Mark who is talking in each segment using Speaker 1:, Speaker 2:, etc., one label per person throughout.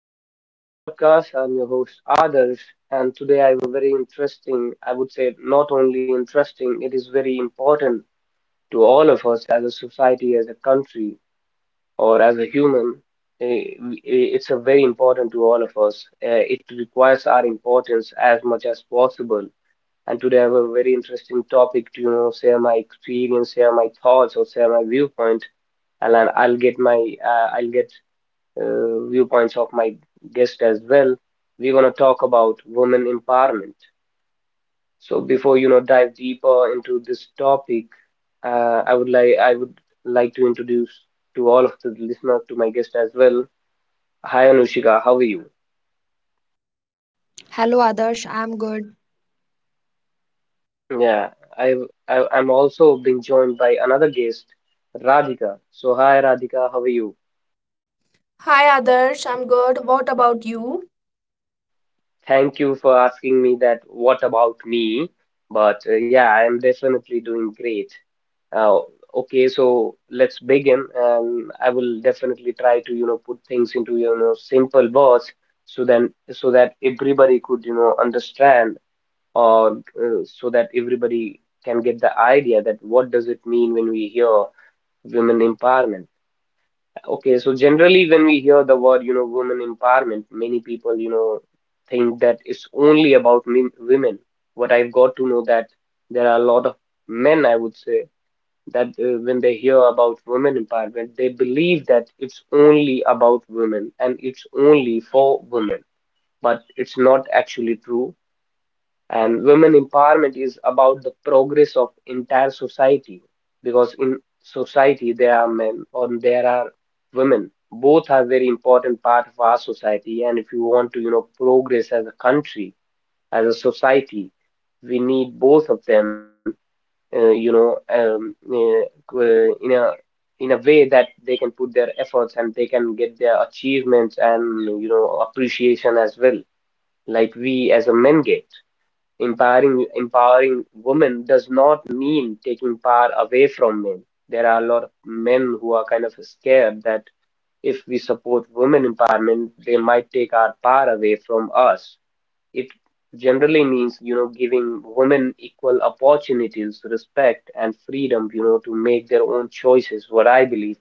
Speaker 1: back to another podcast. I'm your host, Adarsh, and today I have a very interesting, I would say, not only interesting, it is very important to all of us as a society, as a country, or as a human. It's a very important to all of us. It requires our importance as much as possible. And today I have a very interesting topic to, you know, share my experience, share my thoughts, or share my viewpoint and I'll get my I'll get viewpoints of my guest as well. We're going to talk about women empowerment. So before you know dive deeper into this topic, I would like to introduce to all of the listener to my guest as well. Hi Anushika, how are you?
Speaker 2: Hello Adarsh, I'm good.
Speaker 1: Yeah, I've, I'm also being joined by another guest, Radhika. So hi Radhika, how are you?
Speaker 3: Hi Adarsh, I'm good. What about you?
Speaker 1: Thank you for asking me that. What about me? But yeah, I am definitely doing great. Uh, okay, so let's begin, and I will definitely try to, you know, put things into, you know, simple words so that everybody could, you know, understand or so that everybody can get the idea that what does it mean when we hear women empowerment. Okay, so generally when we hear the word, you know, women empowerment, many people, you know, think that it's only about men, women. What I've got to know that there are a lot of men, I would say that when they hear about women empowerment, they believe that it's only about women and it's only for women, but it's not actually true. And women empowerment is about the progress of entire society because in society there are men or there are women. Both are very important part of our society, and if you want to, you know, progress as a country, as a society, we need both of them uh, you know, um, uh, uh, in a in a way that they can put their efforts and they can get their achievements and you know appreciation as well, like we as a men get. Empowering women does not mean taking power away from men. There are a lot of men who are kind of scared that if we support women empowerment, they might take our power away from us. It generally means, you know, giving women equal opportunities, respect, and freedom, you know, to make their own choices, what I believe.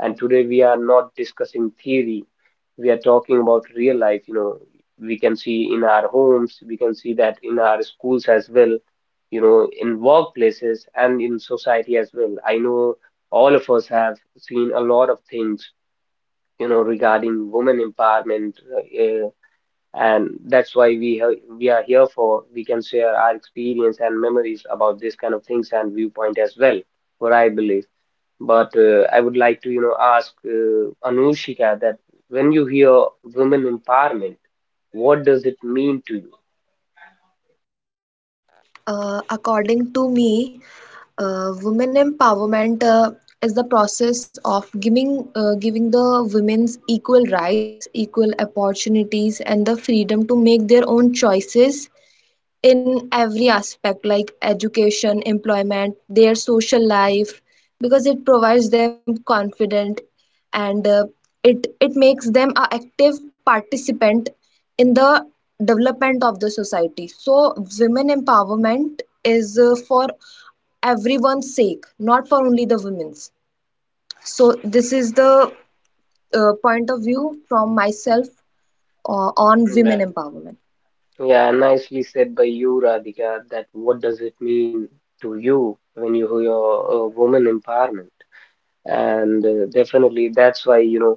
Speaker 1: And today we are not discussing theory, we are talking about real life, you know. We can see in our homes, we can see that in our schools as well, you know, in workplaces and in society as well. I know all of us have seen a lot of things, you know, regarding women empowerment. uh, and that's why we are here for we can share our experience and memories about this kind of things and viewpoint as well what I believe but I would like to you know ask Anushika that when you hear women empowerment what does it mean to you
Speaker 2: According to me, women empowerment is the process of giving the women's equal rights, equal opportunities, and the freedom to make their own choices in every aspect like education, employment, their social life, because it provides them confident, and it makes them a active participant in the development of the society. So women empowerment is for everyone's sake, not for only the women's. So this is the point of view from myself on women
Speaker 1: yeah,
Speaker 2: empowerment.
Speaker 1: yeah nicely said by you Radhika that what does it mean to you when you hear women empowerment and definitely that's why you know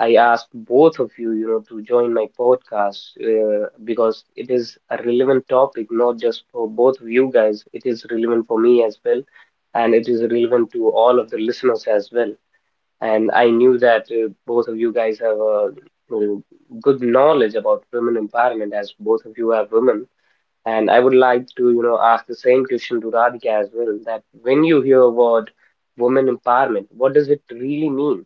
Speaker 1: I asked both of you, you know, to join my podcast because it is a relevant topic, not just for both of you guys. It is relevant for me as well, and it is relevant to all of the listeners as well. And I knew that both of you guys have a uh, good knowledge about women empowerment, as both of you are women. And I would like to, you know, ask the same question to Radhika as well, that when you hear a word women empowerment, what does it really mean?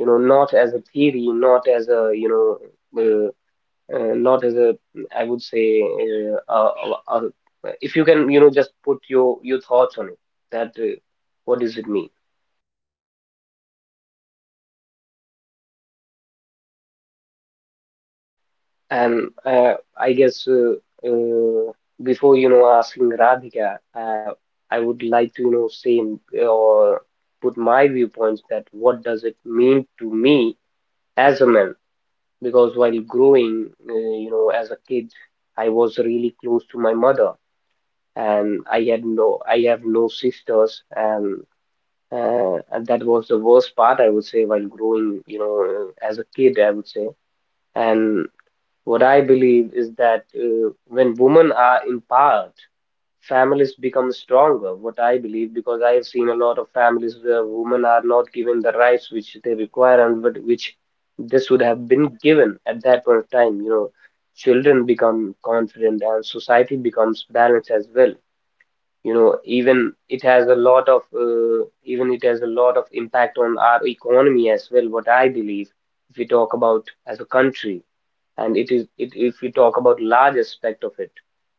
Speaker 1: You know not as a theory not as a you know not as a I would say uh, uh, if you can you know just put your thoughts on it that what does it mean and I guess uh, before you know asking Radhika I would like to you know say or put my viewpoints that what does it mean to me as a man because while growing you know as a kid I was really close to my mother and I have no sisters and that was the worst part I would say while growing you know as a kid I would say and what I believe is that when women are empowered families become stronger what I believe because I have seen a lot of families where women are not given the rights which they require and but which this would have been given at that point of time you know children become confident and society becomes balanced as well you know even it has a lot of impact on our economy as well what I believe if we talk about as a country and it is it if we talk about large aspect of it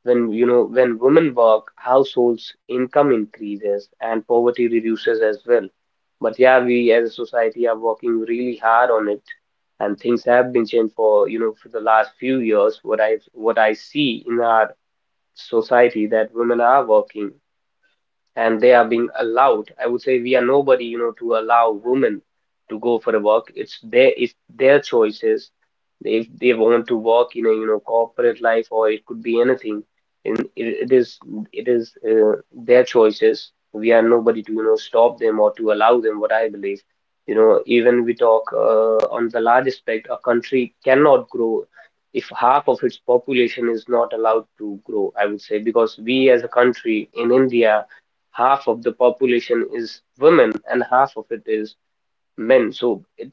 Speaker 1: when you know when women work households income increases and poverty reduces as well but yeah we as a society are working really hard on it and things have been changed for you know for the last few years what I see in our society that women are working and they are being allowed. I would say we are nobody, you know, to allow women to go for a walk. It's their choices. If they want to work in a, you know, corporate life or it could be anything, and it, it is their choices. We are nobody to, you know, stop them or to allow them, what I believe. You know, even we talk on the large aspect, a country cannot grow if half of its population is not allowed to grow, I would say, because we as a country in India half of the population is women and half of it is men.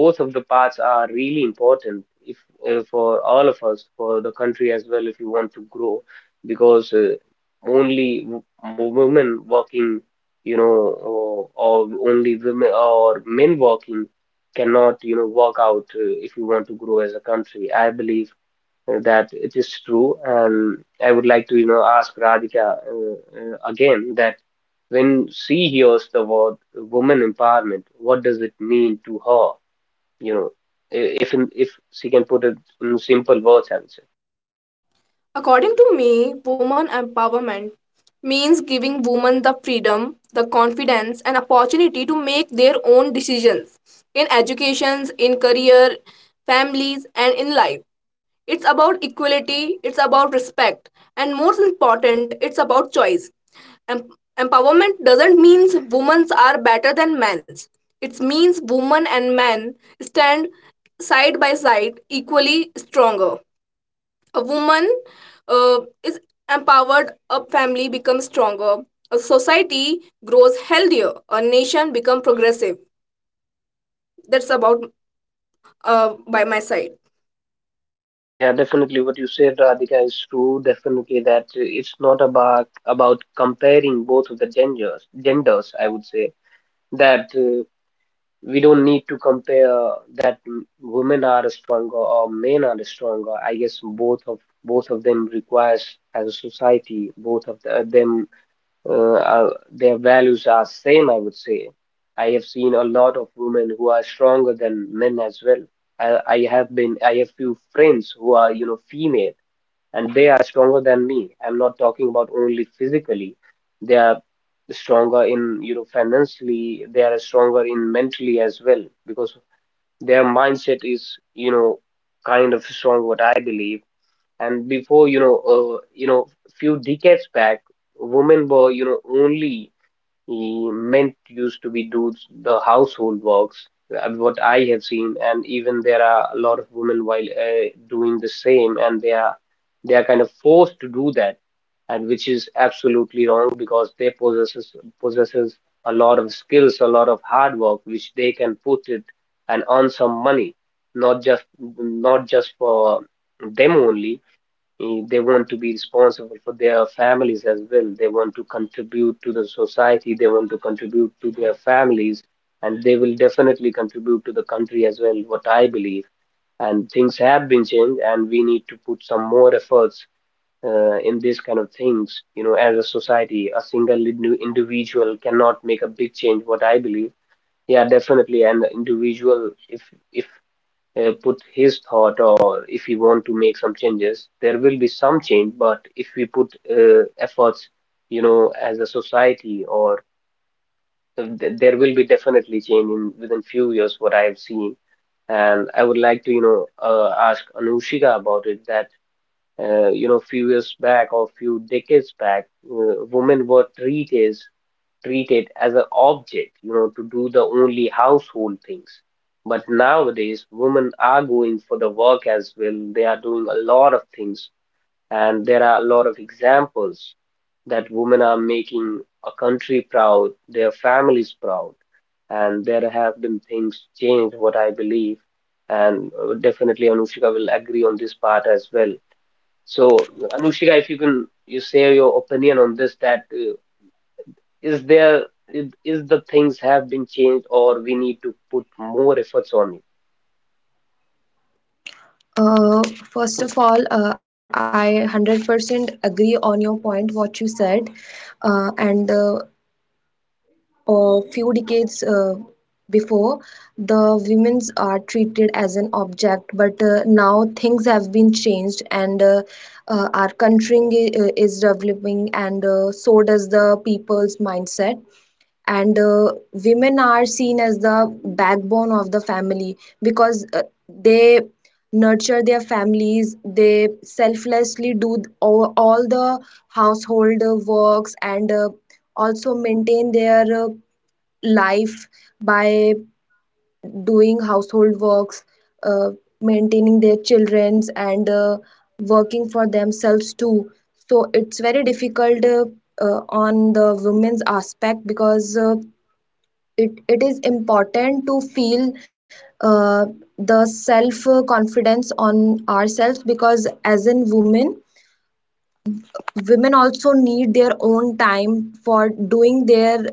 Speaker 1: Both of the parts are really important if for all of us, for the country as well, if you want to grow, because only w- women working, you know, or only women or men working cannot, you know, work out if you want to grow as a country. I believe that it is true. And I would like to, you know, ask Radhika again that when she hears the word woman empowerment, what does it mean to her? You know, if she can put it in simple words, I would say.
Speaker 3: According to me, woman empowerment means giving women the freedom, the confidence, and opportunity to make their own decisions in educations, in career, families, and in life. It's about equality, it's about respect, and most important, it's about choice. Em- Empowerment doesn't mean women are better than men. It means women and men stand side by side equally stronger, a woman uh, is empowered, a family becomes stronger, a society grows healthier, a nation becomes progressive. That's about, uh, by my side.
Speaker 1: Yeah, definitely what you said, Radhika, is true. Definitely that it's not about comparing both of the genders. Genders, I would say that. We don't need to compare that women are stronger or men are stronger. I guess both of them requires as a society, both of the, them uh, are, their values are same. I would say I have seen a lot of women who are stronger than men as well. I have few friends who are you know female and they are stronger than me. I'm not talking about only physically. They are stronger in, you know, financially. They are stronger in mentally as well because their mindset is, you know, kind of strong, what I believe. And before, you know, few decades back, women were, you know, only he meant used to be do the household works, what I have seen, and even there are a lot of women while doing the same, and they are kind of forced to do that, and which is absolutely wrong because they possesses a lot of skills, a lot of hard work, which they can put it and earn some money, not just not just for them only. Mm, they want to be responsible for their families as well. They want to contribute to the society. They want to contribute to their families, and they will definitely contribute to the country as well, what I believe. And things have been changed, and we need to put some more efforts in these kind of things. You know, as a society, a single individual cannot make a big change, what I believe. Yeah, definitely, an individual, if put his thought or if we want to make some changes, there will be some change. But if we put efforts, you know, as a society, or there will be definitely change in within few years, what I have seen. And I would like to, ask Anushika about it that, few years back or few decades back, women were treat it as an object, to do the only household things. But nowadays, women are going for the work as well. They are doing a lot of things, and there are a lot of examples that women are making a country proud, their families proud, and there have been things changed, what I believe, and definitely Anushika will agree on this part as well. So, Anushika, if you can you say your opinion on this, that is the things have been changed or we need to put more efforts on it?
Speaker 2: Uh, First of all, I 100% agree on your point, what you said. And a Few decades before, the women's are treated as an object, but now things have been changed, and our country is developing, and so does the people's mindset, and women are seen as the backbone of the family, because they nurture their families, they selflessly do all the household works, and also maintain their life by doing household works, uh, maintaining their children's, and working for themselves too. So it's very difficult on the women's aspect, because it is important to feel uh, the self confidence on ourselves, because as in women, women also need their own time for doing their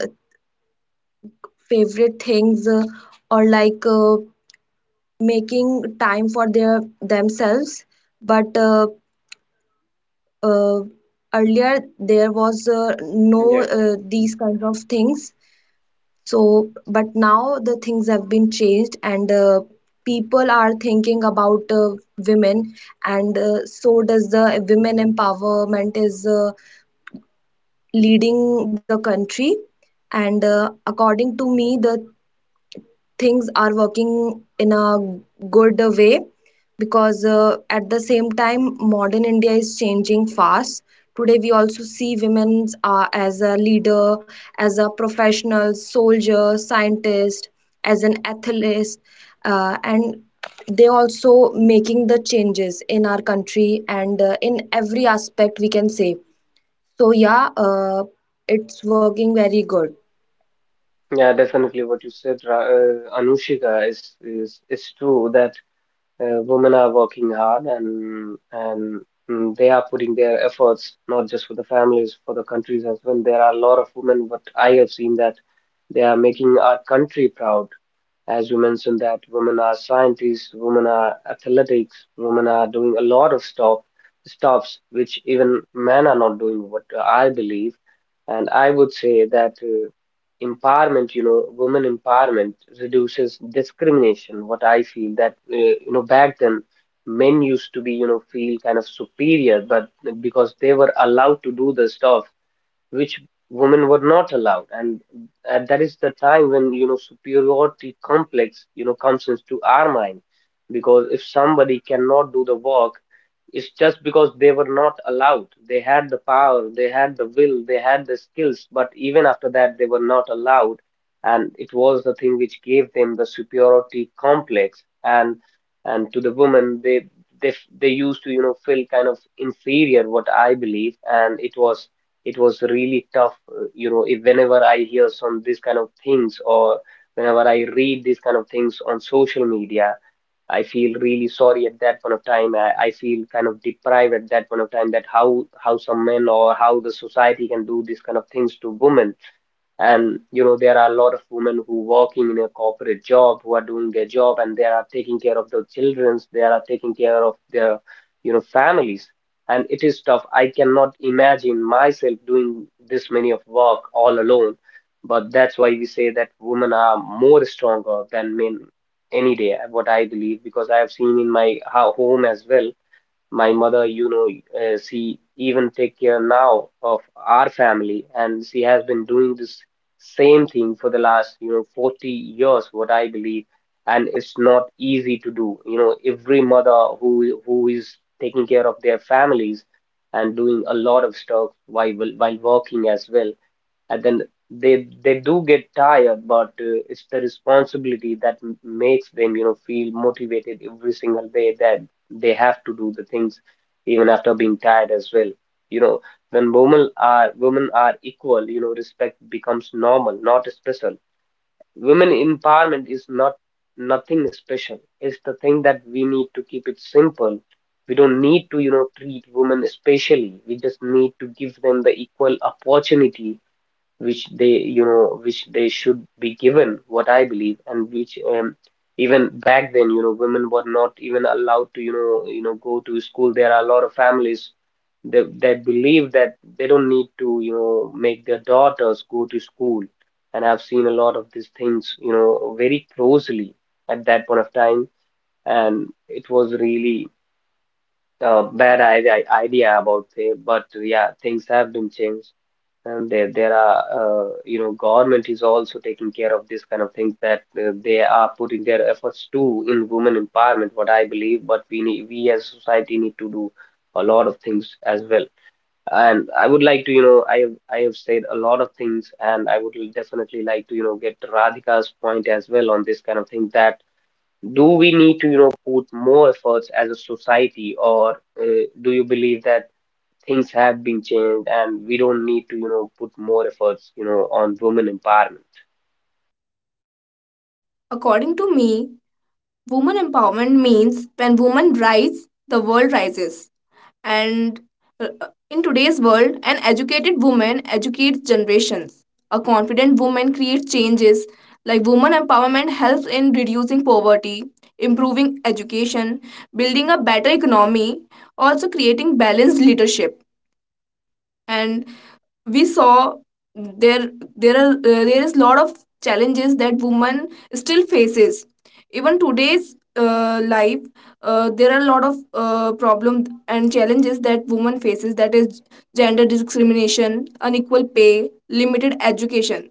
Speaker 2: favorite things, or like making time for their themselves. But uh, Earlier there was no
Speaker 1: Yeah.
Speaker 2: these kinds of things. So, but now the things have been changed, and people are thinking about women, and so does the women empowerment is leading the country. And according to me, the things are working in a good way, because at the same time modern India is changing fast. Today we also see women as a leader, as a professional, soldier, scientist, as an athlete, and they also making the changes in our country, and in every aspect, we can say. So yeah, it's working very good.
Speaker 1: Yeah, definitely what you said, Anushika is true that women are working hard and they are putting their efforts not just for the families, for the countries as well. There are a lot of women, what I have seen that they are making our country proud. As you mentioned that women are scientists, women are athletics, women are doing a lot of stuffs which even men are not doing, what I believe. And I would say that empowerment you know women empowerment reduces discrimination. What I feel that back then men used to be you know feel kind of superior, but because they were allowed to do the stuff which women were not allowed. And that is the time when superiority complex comes into our mind, because if somebody cannot do the work, it's just because they were not allowed. They had the power, they had the will, they had the skills, but even after that they were not allowed. And it was the thing which gave them the superiority complex, and to the women, they they used to feel kind of inferior, what I believe. And it was really tough. If, whenever I hear some this kind of things or whenever I read these kind of things on social media, I feel really sorry at that point of time. I feel kind of deprived at that point of time, that how some men or how the society can do these kind of things to women. And there are a lot of women who working in a corporate job, who are doing their job, and they are taking care of their children, they are taking care of their families. And it is tough, I cannot imagine myself doing this many of work all alone. But that's why we say that women are more stronger than men any day, what I believe, because I have seen in my home as well. My mother, she even take care now of our family, and she has been doing this same thing for the last, 40 years, what I believe, and it's not easy to do. You know, every mother who is taking care of their families and doing a lot of stuff while working as well, and then they do get tired, but it's the responsibility that makes them, feel motivated every single day, that they have to do the things even after being tired as well. You know, when women are equal, respect becomes normal, not special. Women empowerment is not nothing special. It's the thing that we need to keep it simple. We don't need to, treat women specially. We just need to give them the equal opportunity which they
Speaker 3: Exactly.
Speaker 1: which they should be given, what I believe, and which even back then, women were not even allowed to go to school. There are a lot of families that believe that they don't need to make their daughters go to school, and I've seen a lot of these things, very closely, at that point of time, and it was really a bad idea about it. But yeah, things have been changed, and there are, you know, government is also taking care of this kind of things, that they are putting their efforts to in women empowerment, what I believe. But we need, we as a society need to do a lot of things as well. And I would like to, you know, I have, said a lot of things, and I would definitely like to, get Radhika's point as well on this kind of thing, that do we need to, put more efforts as a society, or do you believe that things have been changed, and we don't need to, put more efforts, on women empowerment?
Speaker 3: According to me, woman empowerment means when woman rise, the world rises. And In today's world, an educated woman educates generations. A confident woman creates changes. Like, woman empowerment helps in reducing poverty, improving education, building a better economy, also creating balanced leadership. And we saw, there there is lot of challenges that woman still faces even today's life. There are a lot of problems and challenges that woman faces, that is gender discrimination, unequal pay, limited education.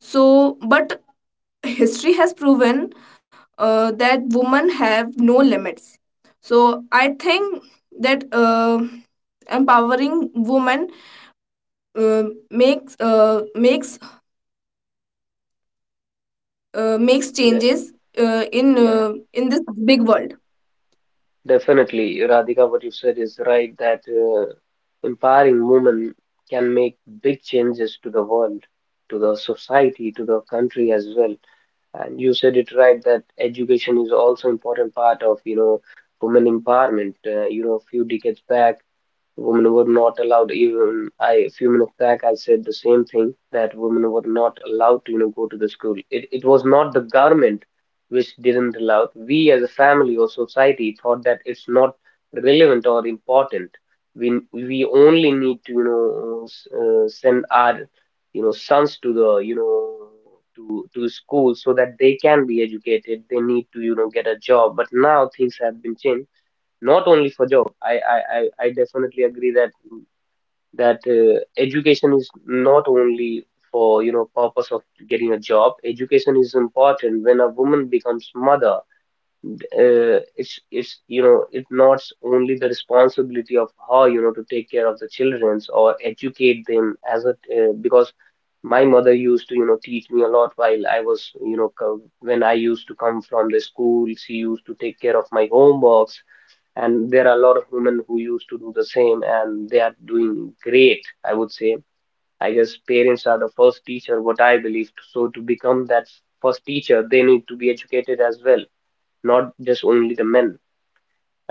Speaker 3: So but history has proven that women have no limits. So I think that empowering women uh, makes uh, makes makes
Speaker 1: Yeah,
Speaker 3: changes uh, in
Speaker 1: yeah,
Speaker 3: uh, in this big world.
Speaker 1: definitely, Radhika, what you said is right, that empowering women can make big changes to the world, to the society, to the country as well. And you said it right, that education is also important part of, women empowerment. A few decades back, women were not allowed. Even I, a few minutes back, I said the same thing, that women were not allowed to go to the school. It was not the government which didn't allow. We as a family or society thought that it's not relevant or important. We only need to send our sons to the you know to school so that they can be educated. They need to get a job. But now things have been changed, not only for job. I definitely agree that education is not only for purpose of getting a job. Education is important when a woman becomes mother. It's, it's not only the responsibility of her, to take care of the children or educate them, as a because my mother used to teach me a lot while I was you know co- when I used to come from the school, she used to take care of my homeworks, and there are a lot of women who used to do the same, and they are doing great, I would say. I guess parents are the first teacher, what I believe, so to become that first teacher, they need to be educated as well, not just only the men.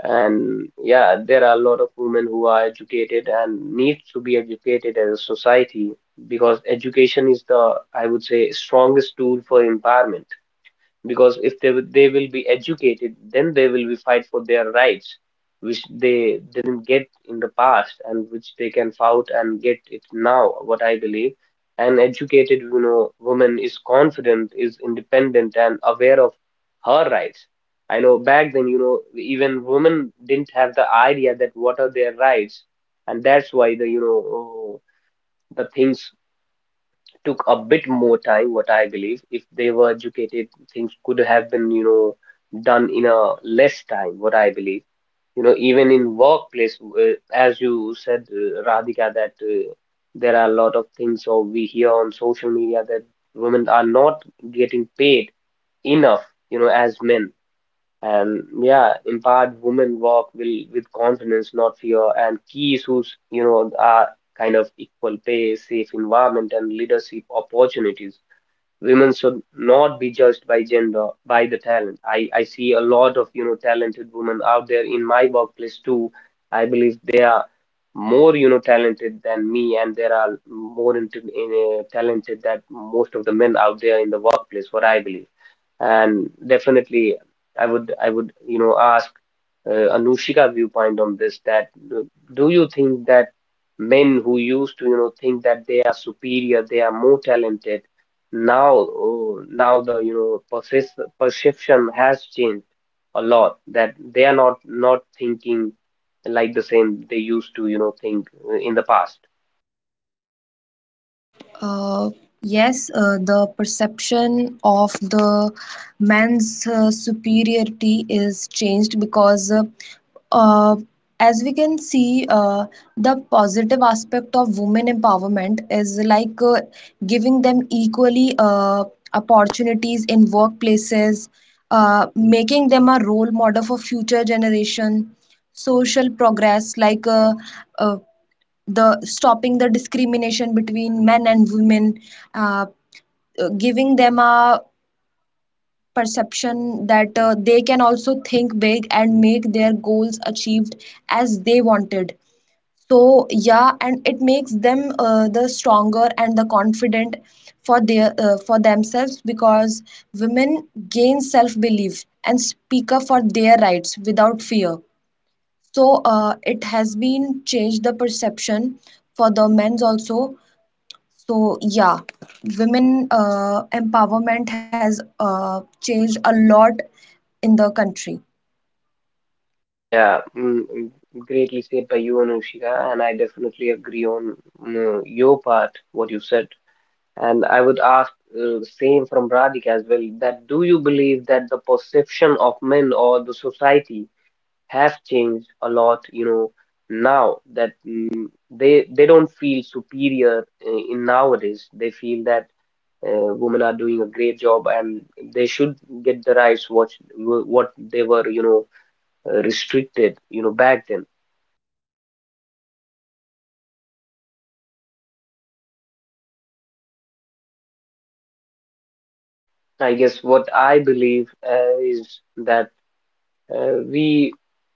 Speaker 1: And yeah, there are a lot of women who are educated, and need to be educated as a society, because education is the, I would say, strongest tool for empowerment, because if they they will be educated, then they will be fight for their rights, which they didn't get in the past, and which they can fight and get it now. What I believe, an educated, woman is confident, is independent, and aware of her rights. I know back then, even women didn't have the idea that what are their rights, and that's why the you know the things took a bit more time, what I believe. If they were educated, things could have been, done in a less time, what I believe. Even in workplace, as you said, Radhika, that there are a lot of things, or we hear on social media, that women are not getting paid enough, as men. And yeah, empowered women walk will with confidence, not fear. And key issues, are kind of equal pay, safe environment, and leadership opportunities. Women should not be judged by gender, by the talent. I see a lot of, talented women out there in my workplace too. I believe they are more, talented than me, and there are more talented than most of the men out there in the workplace, what I believe. And definitely, I would ask Anushika viewpoint on this, that uh, do you think that men who used to think that they are superior, they are more talented, now the you know persis perception has changed a lot, that they are not thinking like the same they used to think in the past.
Speaker 2: Uh, yes, the perception of the man's superiority is changed because, uh, as we can see, the positive aspect of women empowerment is like giving them equally opportunities in workplaces, making them a role model for future generation, social progress like uh, the stopping the discrimination between men and women, uh, giving them a perception that they can also think big and make their goals achieved as they wanted. So yeah, and it makes them the stronger and the confident for their for themselves, because women gain self belief and speak up for their rights without fear. So it has been changed the perception for the men's also. So yeah, women empowerment has changed a lot in the country.
Speaker 1: Yeah, greatly said by you, Anushika, and I definitely agree on your part, what you said. And I would ask same from Radhika as well, that do you believe that the perception of men or the society has changed a lot, now that they don't feel superior in nowadays. They feel that women are doing a great job, and they should get the rights, what they were, restricted, back then.
Speaker 3: I agree that women should have get the rights and equality in the society.
Speaker 1: I guess
Speaker 3: And
Speaker 1: what
Speaker 3: I
Speaker 1: I
Speaker 3: all
Speaker 1: believe is that uh, we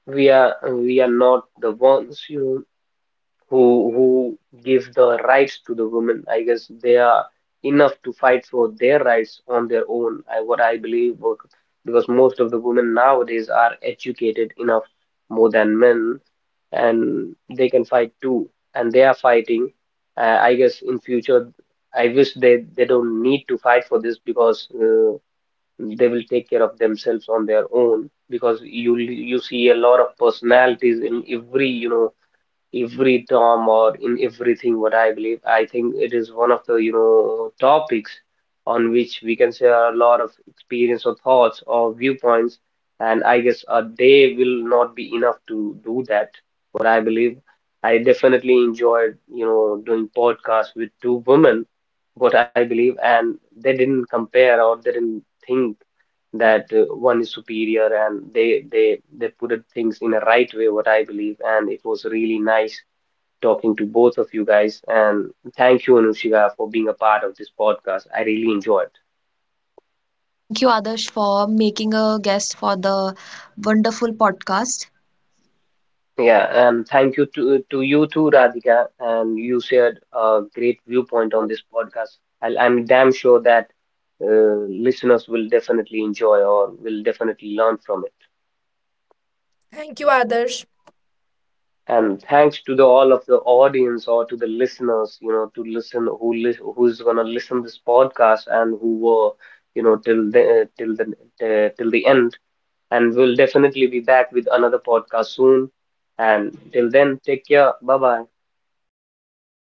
Speaker 1: we are not the ones, who give the rights to the women. I guess they are enough to fight for their rights on their own. I what I believe because most of the women nowadays are educated enough, more than men, and they can fight too, and they are fighting. I guess in future, I wish they don't need to fight for this, because they will take care of themselves on their own. Because you see a lot of personalities in every you know every term or in everything, what I believe. I think it is one of the, topics on which we can share a lot of experience or thoughts or viewpoints. And I guess a day will not be enough to do that, what I believe. I definitely enjoyed, doing podcasts with two women, what I believe, and they didn't compare, or they didn't think that one is superior, and they put it things in a right way, what I believe, and it was really nice talking to both of you guys. And thank you, Anushika, for being a part of this podcast. I really enjoyed.
Speaker 2: Thank you, Adarsh, for making a guest for the wonderful podcast.
Speaker 1: Yeah, and thank you to you too, Radhika. And you shared a great viewpoint on this podcast. I'm damn sure that listeners will definitely enjoy or will definitely learn from it.
Speaker 3: Thank you, Adarsh.
Speaker 1: And thanks to the all of the audience or to the listeners, to listen, who's gonna listen this podcast, and who were, you know, till the till till the end. And we'll definitely be back with another podcast soon. And till then, take care. Bye bye.